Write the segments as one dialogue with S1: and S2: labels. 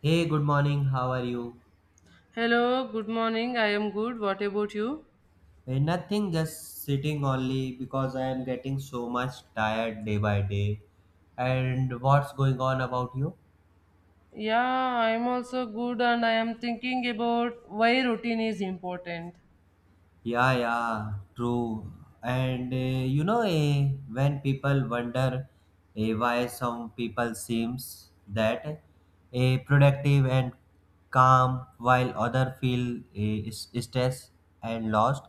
S1: Hey, good morning. How are you?
S2: Hello, good morning. I am good. What about you?
S1: Nothing, just sitting only because I am getting so much tired day by day. And what's going on about you?
S2: Yeah, I am also good and I am thinking about why routine is important.
S1: Yeah, yeah, true. And when people wonder why some people seems that productive and calm, while other feel stressed and lost.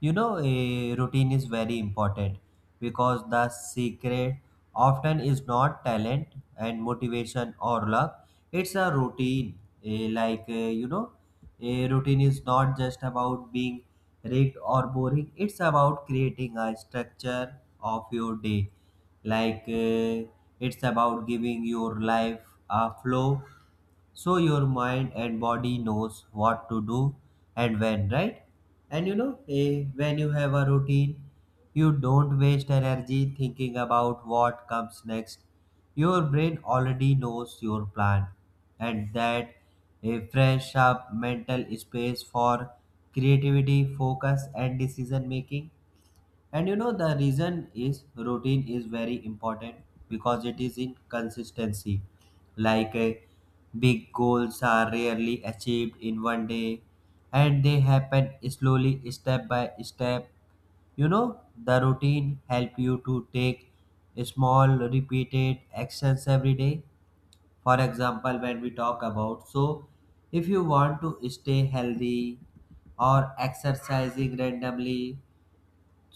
S1: You know, a routine is very important because the secret often is not talent and motivation or luck. It's a routine. Eh, like, eh, you know, a routine is not just about being rigged or boring, it's about creating a structure of your day. Like, it's about giving your life a flow, so your mind and body knows what to do and when, right? And when you have a routine, you don't waste energy thinking about what comes next. Your brain already knows your plan, and that a fresh up mental space for creativity, focus, and decision making. And the reason is routine is very important because it is in consistency. Like big goals are rarely achieved in one day, and they happen slowly, step by step. You know, the routine help you to take small repeated actions every day. For example, when we talk about, so if you want to stay healthy or exercising randomly,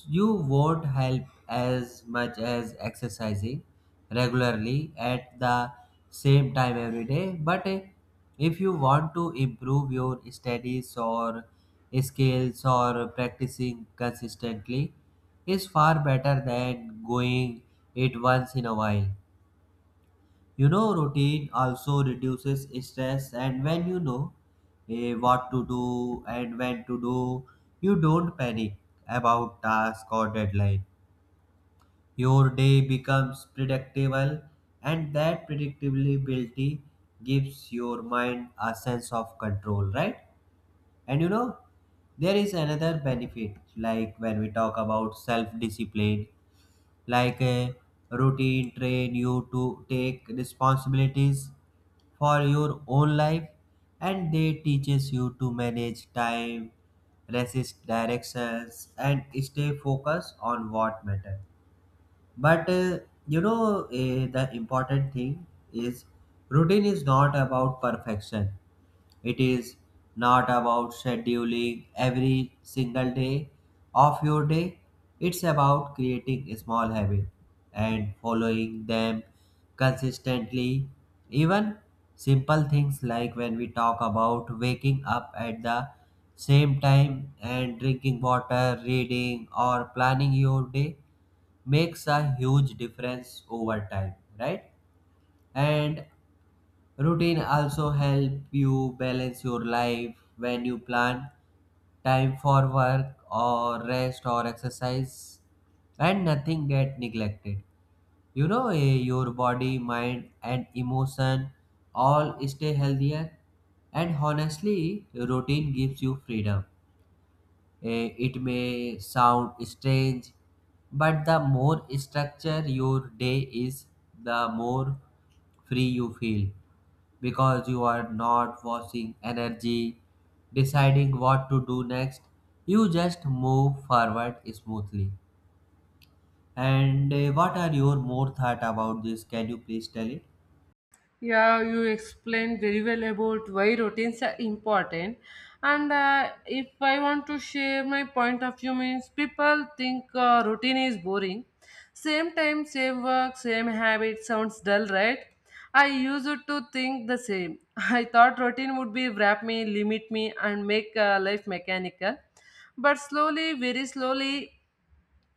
S1: you won't help as much as exercising regularly at the same time every day. But if you want to improve your studies or skills or practicing consistently, is far better than going it once in a while. You know, routine also reduces stress, and when you know what to do and when to do, you don't panic about task or deadline. Your day becomes predictable, and that predictability gives your mind a sense of control, right? And there is another benefit, like when we talk about self discipline, like a routine train you to take responsibilities for your own life, and they teaches you to manage time, resist directions, and stay focused on what matters. But the important thing is routine is not about perfection. It is not about scheduling every single day of your day. It's about creating small habits and following them consistently. Even simple things like when we talk about waking up at the same time and drinking water, reading or planning your day, makes a huge difference over time, right? And routine also help you balance your life when you plan time for work or rest or exercise, and nothing get neglected. Your body, mind and emotion all stay healthier. And honestly, routine gives you freedom. It may sound strange, but the more structure your day is, the more free you feel because you are not watching energy, deciding what to do next. You just move forward smoothly. And what are your more thought about this? Can you please tell it?
S2: Yeah, you explained very well about why routines are important. And if I want to share my point of view, means people think routine is boring. Same time, same work, same habit sounds dull, right? I used to think the same. I thought routine would be wrap me, limit me, and make life mechanical. But slowly, very slowly,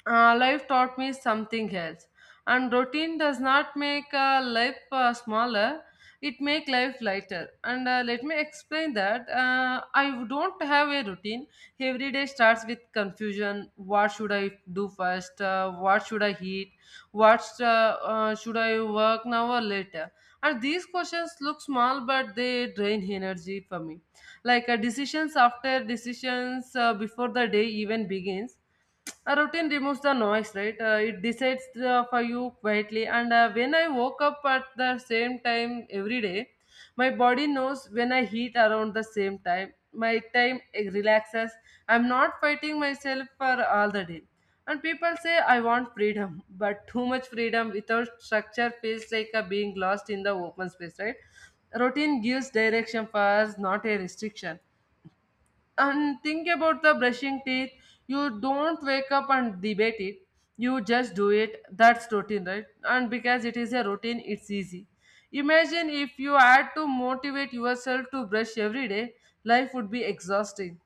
S2: life taught me something else, and routine does not make life smaller, it make life lighter. And let me explain that I don't have a routine. Every day starts with confusion, what should I do first, what should I eat, what should I work now or later? And these questions look small, but they drain energy for me. Like decisions after decisions before the day even begins. A routine removes the noise, right? It decides for you quietly. And when I woke up at the same time every day, my body knows when I eat around the same time. My time relaxes. I'm not fighting myself for all the day. And people say I want freedom, but too much freedom without structure feels like a being lost in the open space, right? Routine gives direction for us, not a restriction, and think about the brushing teeth. You don't wake up and debate it. You just do it. That's routine, right? And because it is a routine, it's easy. Imagine if you had to motivate yourself to brush every day, life would be exhausting.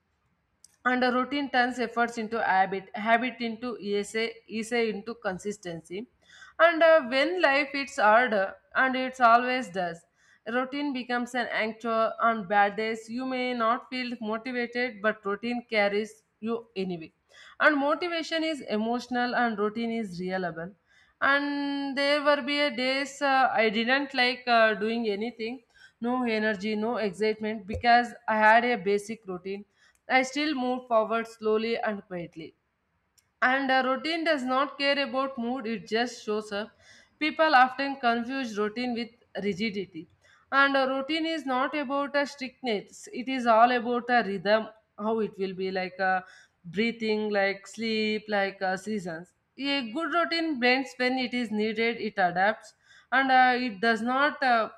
S2: And a routine turns efforts into habit into esa esa into consistency. And when life it's harder, and it's always does, routine becomes an anchor. On bad days you may not feel motivated, but routine carries you anyway. And motivation is emotional, and routine is reliable. And there were be a days I didn't like doing anything, no energy, no excitement. Because I had a basic routine, I still moved forward slowly and quietly. And a routine does not care about mood, it just shows up. People often confuse routine with rigidity. And a routine is not about a strictness, it is all about a rhythm, how it will be like a breathing, like sleep, like seasons. A good routine blends when it is needed, it adapts, and it does not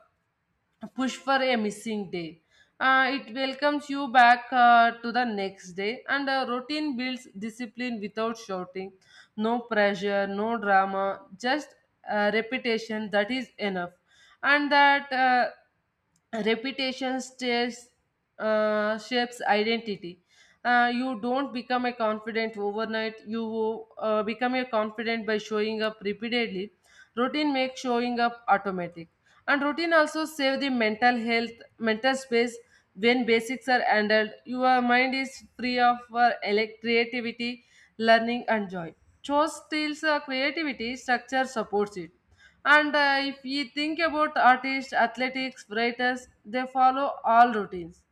S2: push for a missing day. It welcomes you back to the next day, and a routine builds discipline without shouting. No pressure, no drama, just repetition that is enough. And that reputation stares, shapes identity. You don't become a confident overnight. You become a confident by showing up repeatedly. Routine makes showing up automatic, and routine also save the mental health, mental space. When basics are handled, your mind is free of creativity, learning, and joy. Chose steals creativity, structure supports it. And if you think about artists, athletics, writers, they follow all routines.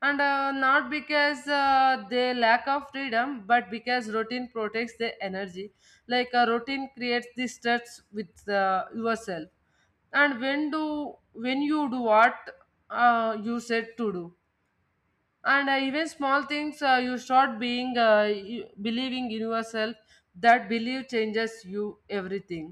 S2: And not because they lack of freedom, but because routine protects their energy. Like a routine creates the stress with yourself. And when you do what you said to do, and even small things you start being believing in yourself. That belief changes you everything.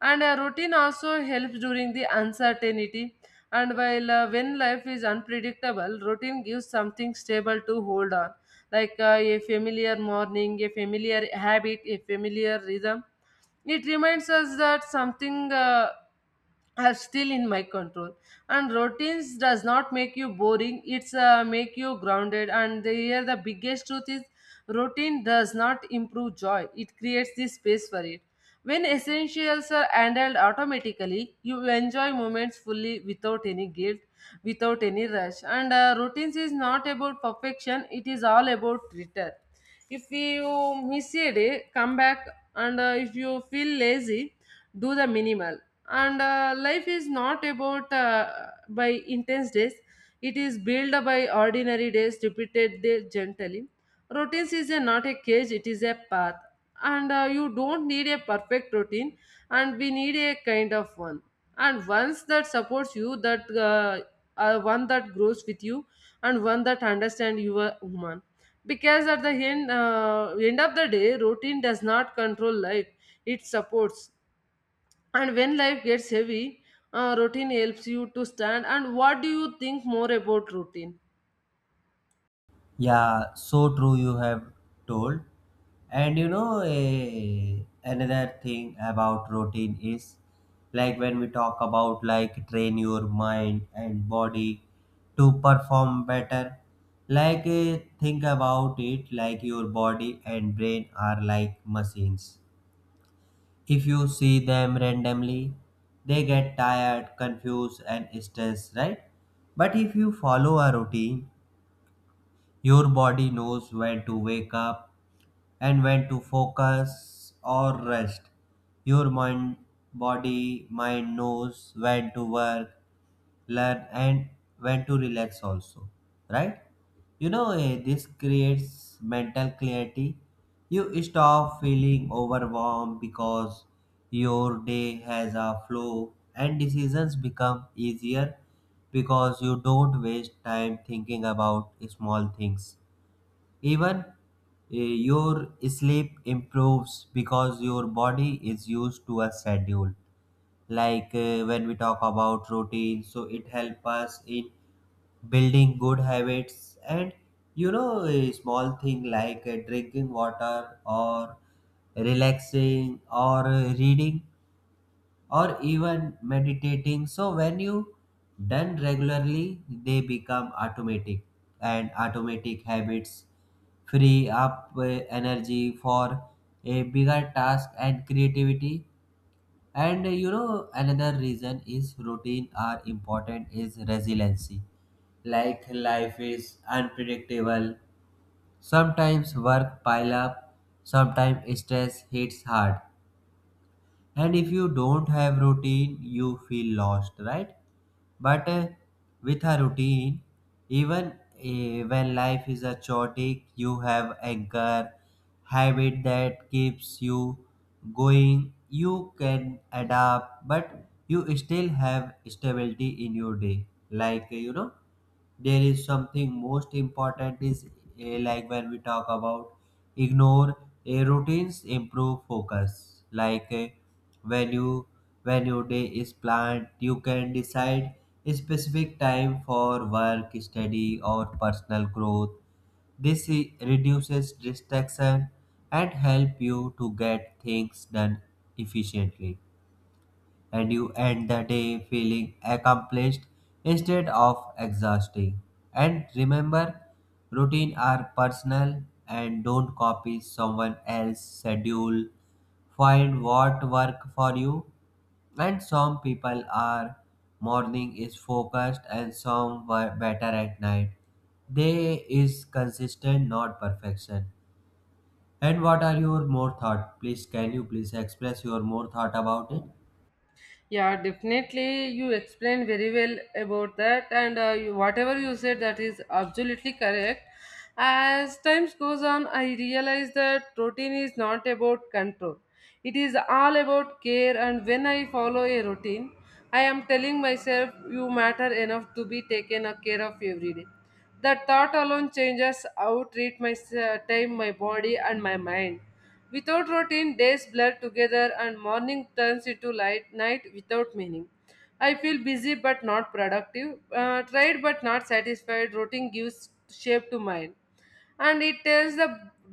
S2: And a routine also helps during the uncertainty. And while when life is unpredictable, routine gives something stable to hold on. Like a familiar morning, a familiar habit, a familiar rhythm. It reminds us that something are still in my control. And routines does not make you boring, it's make you grounded. And here the biggest truth is, routine does not improve joy, it creates the space for it. When essentials are handled automatically, you enjoy moments fully, without any guilt, without any rush. And routines is not about perfection, it is all about return. If you miss a day, come back. And if you feel lazy, do the minimal. And life is not about by intense days, it is built by ordinary days repeated there gently. Routines is not a cage, it is a path. And you don't need a perfect routine, and we need a kind of one. And once that supports you, that one that grows with you, and one that understands you are human. Because at the end of the day, routine does not control life, it supports. And when life gets heavy, routine helps you to stand. And what do you think more about routine?
S1: Yeah, so true you have told. And another thing about routine is like when we talk about like train your mind and body to perform better. Like think about it, like your body and brain are like machines. If you see them randomly, they get tired, confused, and stressed, right? But if you follow a routine, your body knows when to wake up and when to focus or rest. Your mind, Body, mind knows when to work, learn, and when to relax also, right? You know, this creates mental clarity. You stop feeling overwhelmed because your day has a flow, and decisions become easier because you don't waste time thinking about small things. Even your sleep improves because your body is used to a schedule. Like when we talk about routine, so it helps us in building good habits. And you know a small thing like drinking water or relaxing or reading or even meditating. So when you done regularly, they become automatic, and automatic habits free up energy for a bigger task and creativity. And another reason is routine are important is resiliency. Like life is unpredictable. Sometimes work pile up, sometimes stress hits hard, and if you don't have routine you feel lost, right? But with a routine, even when life is a chaotic, you have anchor habit that keeps you going. You can adapt, but you still have stability in your day. Like there is something most important is like when we talk about ignore, routines improve focus. Like when you when your day is planned, you can decide a specific time for work, study, or personal growth. This reduces distraction and help you to get things done efficiently, and you end the day feeling accomplished instead of exhausting. And remember, routine are personal, and don't copy someone else's schedule. Find what work for you. And some people are morning is focused, and some were better at night. They is consistent, not perfection. And what are your more thought? Please, can you please express your more thought about it?
S2: Yeah, definitely. You explained very well about that, and whatever you said, that is absolutely correct. As time goes on, I realize that routine is not about control. It is all about care, and when I follow a routine, I am telling myself, you matter enough to be taken a care of every day. That thought alone changes how treat my time, my body, and my mind. Without routine, days blur together and morning turns into light night without meaning. I feel busy but not productive, tried but not satisfied. Routine gives shape to mind, and it tells the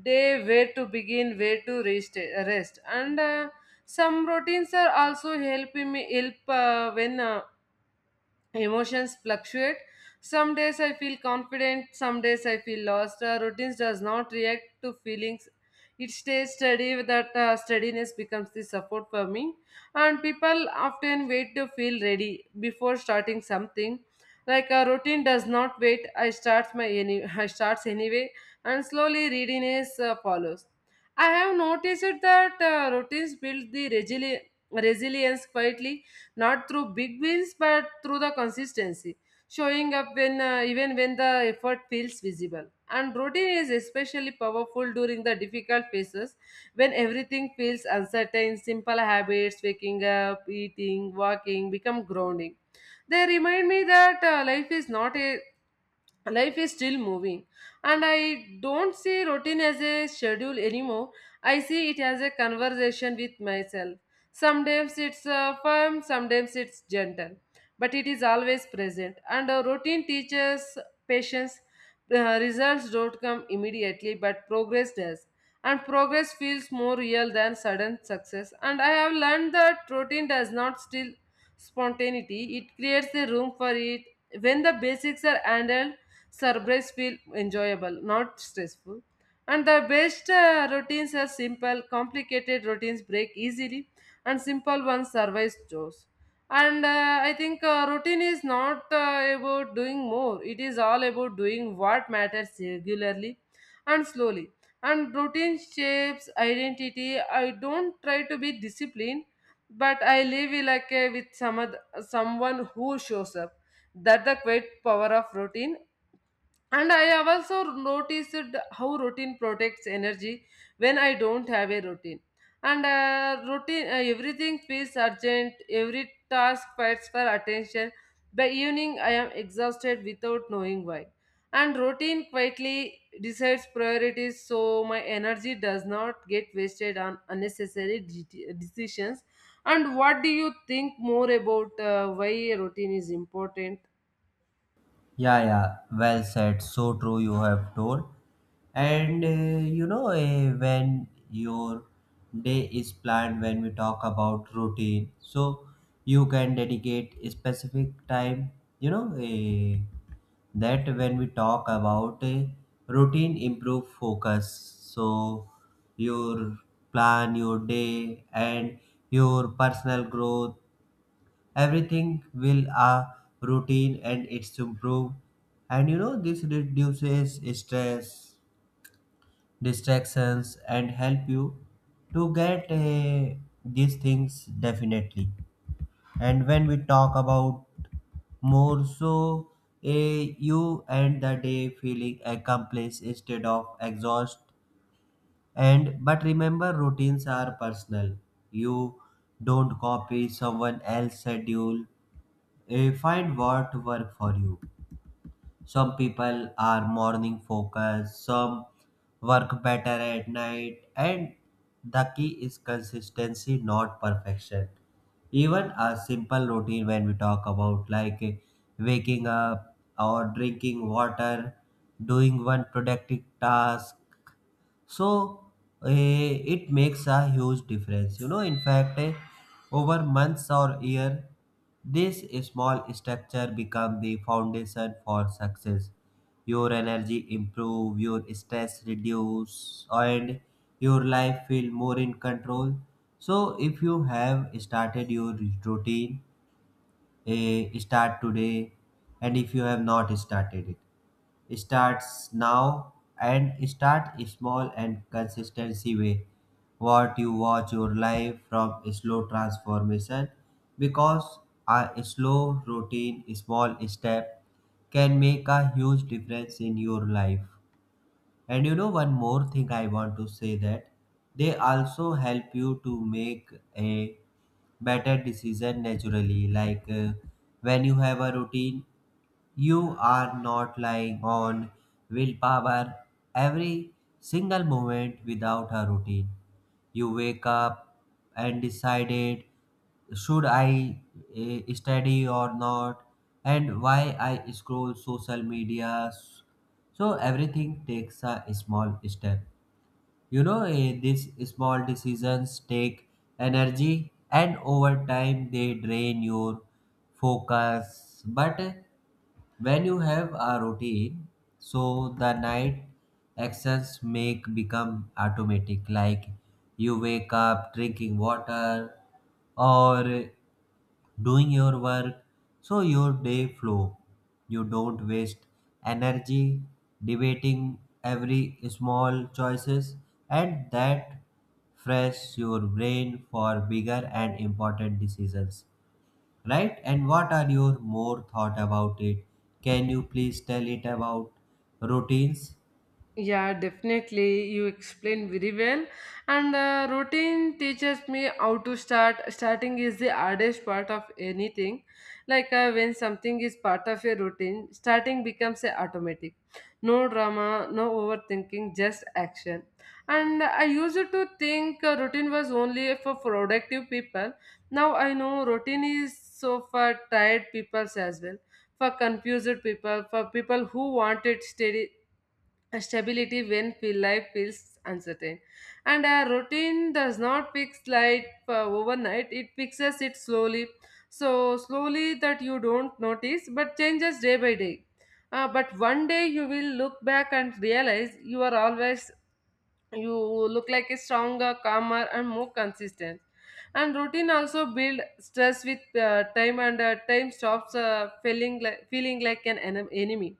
S2: day where to begin, where to rest. And some routines are also helping me help when emotions fluctuate. Some days I feel confident, some days I feel lost. Routines does not react to feelings, it stays steady. With that steadiness becomes the support for me. And people often wait to feel ready before starting something. Like a routine does not wait. I start my any I starts anyway, and slowly readiness follows. I have noticed that routines build the resilience quietly, not through big wins, but through the consistency, showing up when even when the effort feels visible. And routine is especially powerful during the difficult phases. When everything feels uncertain, simple habits, waking up, eating, walking, become grounding. They remind me that life is still moving. And I don't see routine as a schedule anymore, I see it as a conversation with myself. Sometimes it's firm, sometimes it's gentle, but it is always present. And a routine teaches patience. Results don't come immediately, but progress does. And progress feels more real than sudden success. And I have learned that routine does not steal spontaneity, it creates the room for it. When the basics are handled, surprise feel enjoyable, not stressful. And the best routines are simple, complicated routines break easily, and simple ones survive chores. And I think routine is not about doing more, it is all about doing what matters regularly, and slowly. And routine shapes identity. I don't try to be disciplined, but I live with someone who shows up. That the great power of routine. And I have also noticed how routine protects energy when I don't have a routine. And everything feels urgent, every task fights for attention. By evening, I am exhausted without knowing why. And routine quietly decides priorities, so my energy does not get wasted on unnecessary decisions. And what do you think more about why routine is important?
S1: Yeah, yeah, well said. So true, you have told. And when your day is planned, when we talk about routine, so you can dedicate a specific time. you know, uh, that when we talk about a routine improve focus, so your plan your day and your personal growth, everything will a routine, and it's improved. And this reduces stress, distractions, and help you to get these things definitely. And when we talk about more, so a you end the day feeling accomplished instead of exhaust. And but remember routines are personal. You don't copy someone else's schedule. Find what work for you. Some people are morning focused, some work better at night, and the key is consistency, not perfection. Even a simple routine, when we talk about like waking up or drinking water, doing one productive task, so it makes a huge difference. You know, in fact over months or year, this small structure become the foundation for success. Your energy improve, your stress reduce, and your life feel more in control. So if you have started your routine, start today. And if you have not started it, starts now. And start small and consistency way, what you watch your life from slow transformation. Because a slow routine small step can make a huge difference in your life. And one more thing I want to say that they also help you to make a better decision naturally. Like when you have a routine, you are not lying on willpower every single moment. Without a routine, you wake up and decided should I study or not, and why I scroll social media. So everything takes a small step. These small decisions take energy, and over time they drain your focus. But when you have a routine, so the night actions make become automatic. Like you wake up drinking water or doing your work, so your day flow. You don't waste energy debating every small choices, and that fresh your brain for bigger and important decisions, right? And what are your more thought about it? Can you please tell it about routines?
S2: Yeah, definitely. You explained very well. And routine teaches me how to start. Starting is the hardest part of anything. Like when something is part of your routine, starting becomes a automatic. No drama, no overthinking, just action. And I used to think routine was only for productive people. Now I know routine is so for tired people as well. For confused people, for people who wanted steady a stability when life feels uncertain. And a routine does not fix life overnight, it fixes it slowly. So, slowly that you don't notice, but changes day by day. But one day you will look back and realize you are always you look like a stronger, calmer, and more consistent. And routine also build stress with time. And time stops feeling like an enemy.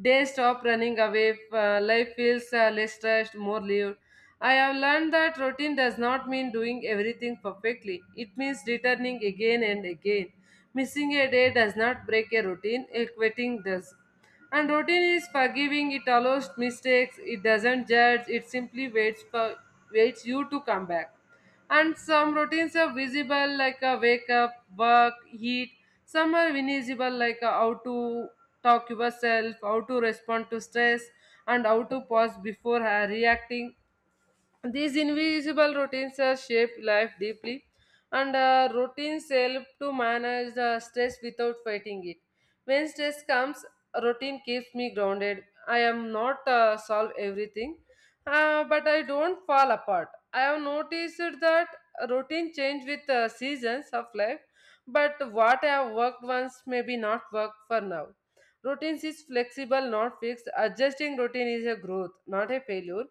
S2: Days stop running away, life feels less stressed, more lived. I have learned that routine does not mean doing everything perfectly. It means returning again and again. Missing a day does not break a routine, a quitting does. And routine is forgiving. It allows mistakes, it doesn't judge, it simply waits you to come back. And some routines are visible, like a wake up, work, eat. Some are invisible, like how to talk yourself, how to respond to stress and how to pause before reacting. These invisible routines shape life deeply, and routines help to manage the stress without fighting it. When stress comes, a routine keeps me grounded. I am not solve everything, but I don't fall apart. I have noticed that routine change with seasons of life, but what I have worked once may be not work for now. Routines is flexible, not fixed. Adjusting routine is a growth, not a failure.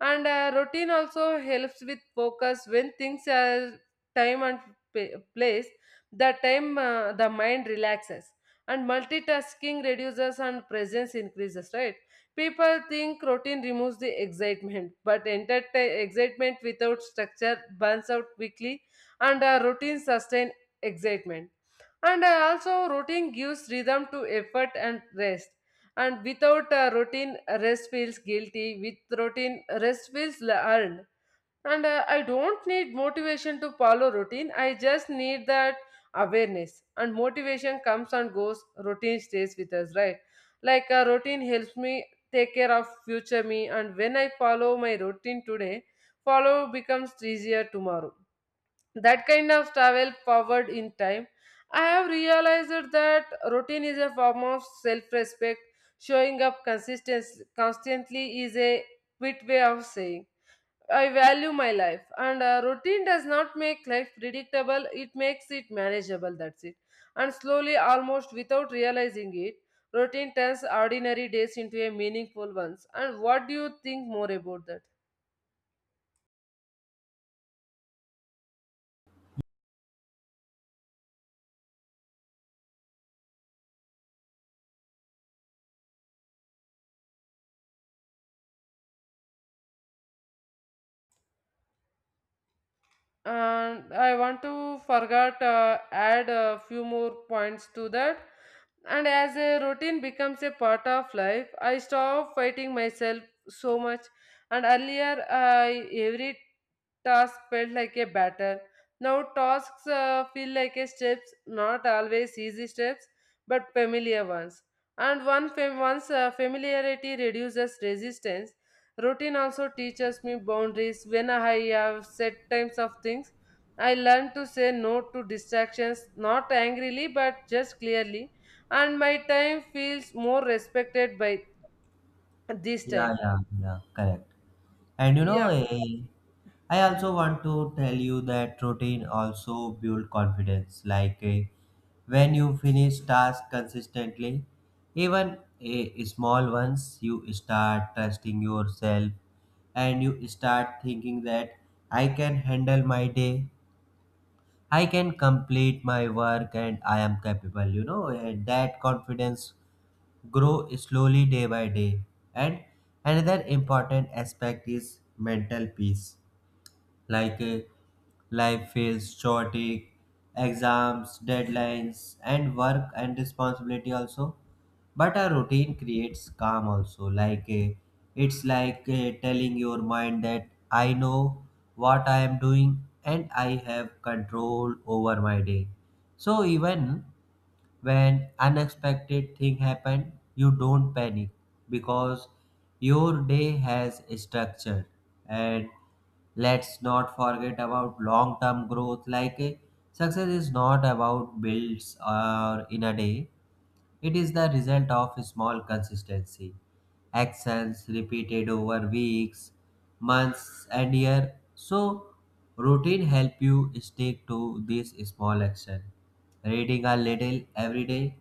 S2: And routine also helps with focus when things are time and place. The time the mind relaxes and multitasking reduces and presence increases, right? People think routine removes the excitement, but entertain excitement without structure burns out quickly. And routine sustain excitement. And also routine gives rhythm to effort and rest. And without a routine, rest feels guilty. With routine, rest feels earned. And I don't need motivation to follow routine, I just need that awareness. And motivation comes and goes, routine stays with us, right? Like a routine helps me take care of future me, and when I follow my routine today, follow becomes easier tomorrow. That kind of travel powered in time. I have realized that routine is a form of self-respect. Showing up consistently, constantly is a quit way of saying I value my life. And routine does not make life predictable, it makes it manageable. That's it. And slowly, almost without realizing it, routine turns ordinary days into a meaningful ones. And what do you think more about that? And I want to forget add a few more points to that. And as a routine becomes a part of life, I stop fighting myself so much. And earlier, I every task felt like a battle. Now tasks feel like a steps, not always easy steps, but familiar ones. And once familiarity reduces resistance. Routine also teaches me boundaries. When I have set times of things, I learn to say no to distractions, not angrily but just clearly, and my time feels more respected by this
S1: Yeah,
S2: time.
S1: yeah, yeah, correct. And
S2: Yeah.
S1: I also want to tell you that routine also build confidence. Like when you finish tasks consistently, even a small ones, you start trusting yourself, and you start thinking that I can handle my day, I can complete my work, and I am capable. You know, and that confidence grow slowly day by day. And another important aspect is mental peace. Like life feels chaotic, exams, deadlines, and work and responsibility also. But a routine creates calm also. Like it's like telling your mind that I know what I am doing and I have control over my day. So even when unexpected thing happen, you don't panic because your day has structure. And let's not forget about long term growth. Like success is not about builds or in a day, it is the result of small consistency, actions repeated over weeks, months, and years. So routine help you stick to this small action. Reading a little every day,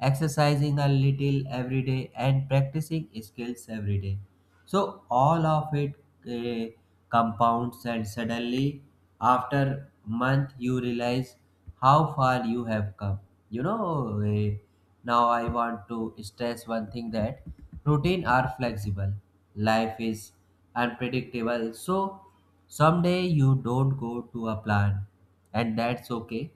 S1: exercising a little every day, and practicing skills every day. So all of it eh, compounds, and suddenly, after month, you realize how far you have come. You know, eh, Now I want to stress one thing that routine are flexible. Life is unpredictable. So someday you don't go to a plan, and that's okay.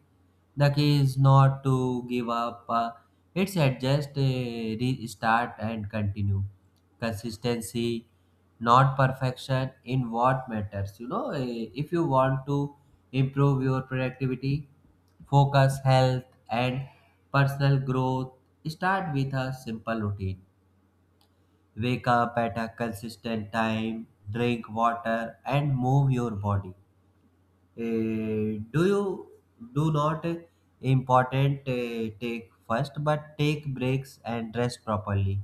S1: The key is not to give up, it's adjust, restart, and continue. Consistency, not perfection in what matters. If you want to improve your productivity, focus, health, and personal growth, start with a simple routine. Wake up at a consistent time, drink water, and move your body. Do you do not important Take first, but take breaks and rest properly.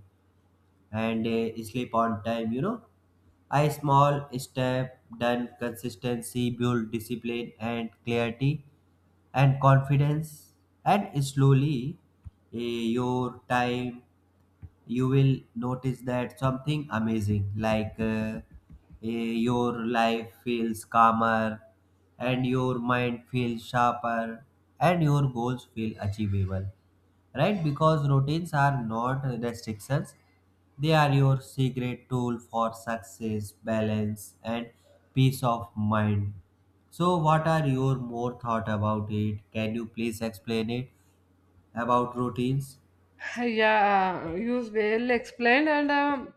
S1: And sleep on time, you know. A small step done consistency build discipline and clarity and confidence. And slowly uh, your time you will notice that something amazing, like your life feels calmer, and your mind feels sharper, and your goals feel achievable, right? Because routines are not restrictions, they are your secret tool for success, balance, and peace of mind. So what are your more thought about it? Can you please explain it about routines?
S2: Yeah, you well explained, and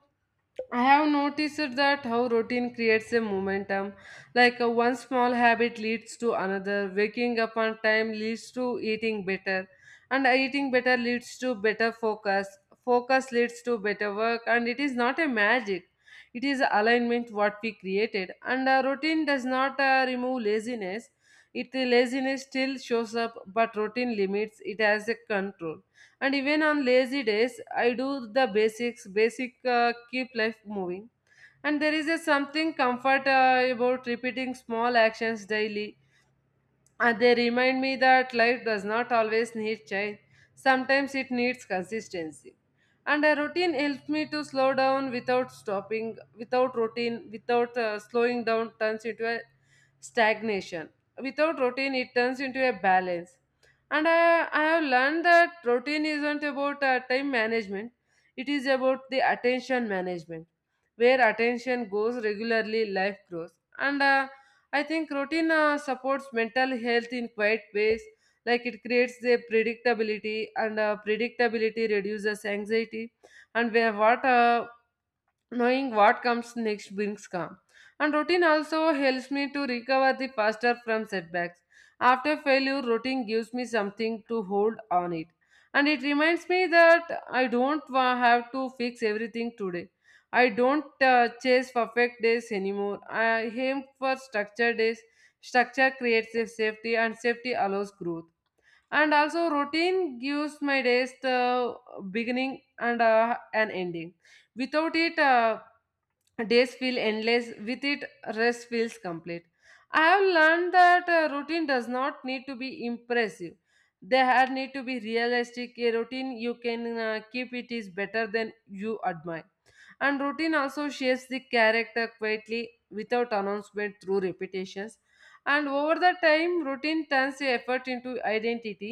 S2: I have noticed that how routine creates a momentum. Like one small habit leads to another. Waking up on time leads to eating better, and eating better leads to better focus. Focus leads to better work, and it is not a magic. It is alignment what we created. And routine does not remove laziness. It laziness still shows up, but routine limits it as a control. And even on lazy days I do the basic keep life moving. And there is a something comfort about repeating small actions daily. They remind me that life does not always need change. Sometimes it needs consistency. And a routine helps me to slow down without stopping. Without routine, without slowing down turns into a stagnation. Without routine, it turns into a balance. And I have learned that routine isn't about time management, it is about the attention management. Where attention goes regularly, life grows. And I think routine supports mental health in quiet ways, like it creates a predictability, and predictability reduces anxiety, and where what knowing what comes next brings calm. And routine also helps me to recover the faster from setbacks. After failure, routine gives me something to hold on it. And it reminds me that I don't have to fix everything today. I don't chase perfect days anymore. I aim for structured days. Structure creates a safety, and safety allows growth. And also, routine gives my days the beginning and an ending. Without it, days feel endless. With it, rest feels complete. I have learned that routine does not need to be impressive, they have need to be realistic. A routine you can keep it is better than you admire. And routine also shapes the character quietly, without announcement, through repetitions. And over the time, routine turns the effort into identity.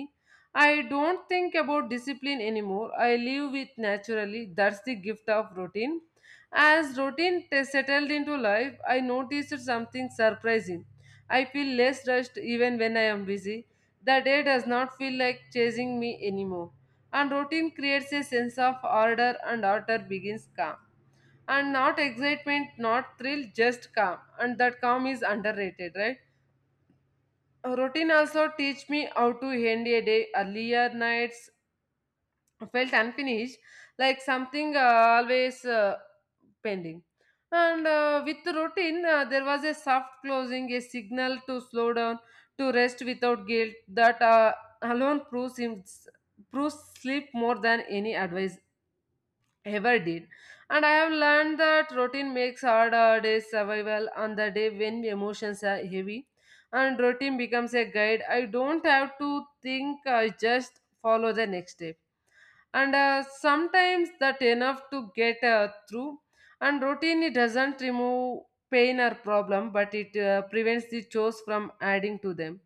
S2: I don't think about discipline anymore, I live with naturally. That's the gift of routine. As settled into life, I noticed something surprising. I feel less rushed even when I am busy. The day does not feel like chasing me anymore. And routine creates a sense of order, and order begins calm. And not excitement, not thrill, just calm. And that calm is underrated, right? Routine also teach me how to end a day. Earlier nights felt unfinished, like something always pending. And with the routine, there was a soft closing, a signal to slow down, to rest without guilt. That alone proves him, proves sleep more than any advice ever did. And I have learned that routine makes hard days survival on the day when emotions are heavy. And routine becomes a guide. I don't have to think, I just follow the next step. And sometimes that enough to get through. And routine, it doesn't remove pain or problem, but it prevents the chores from adding to them.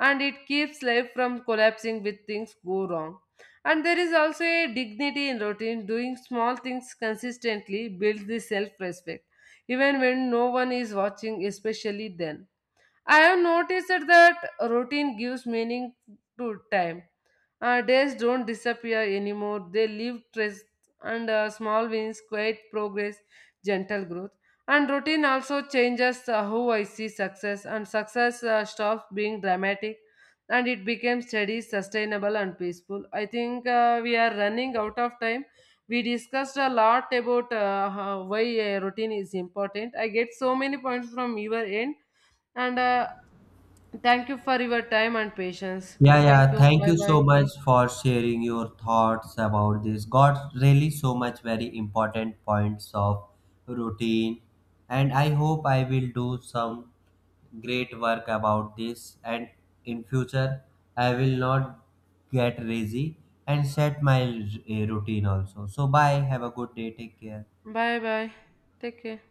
S2: And it keeps life from collapsing with things go wrong. And there is also a dignity in routine. Doing small things consistently builds the self respect, even when no one is watching, especially then. I have noticed that routine gives meaning to time. Days don't disappear anymore. They leave trace. And small wins, quiet progress, gentle growth. And routine also changes how I see success. And success stops being dramatic and it becomes steady, sustainable, and peaceful. I think we are running out of time. We discussed a lot about why a routine is important. I get so many points from your end. And thank you for your time and patience.
S1: Yeah,
S2: Thank
S1: yeah.
S2: you.
S1: Thank
S2: Bye
S1: you so
S2: bye.
S1: much for sharing your thoughts about this. Got really so much very important points of routine, and I hope I will do some great work about this. And in future, I will not get lazy and set my routine also. So bye. Have a good day. Take care.
S2: Bye bye. Take care.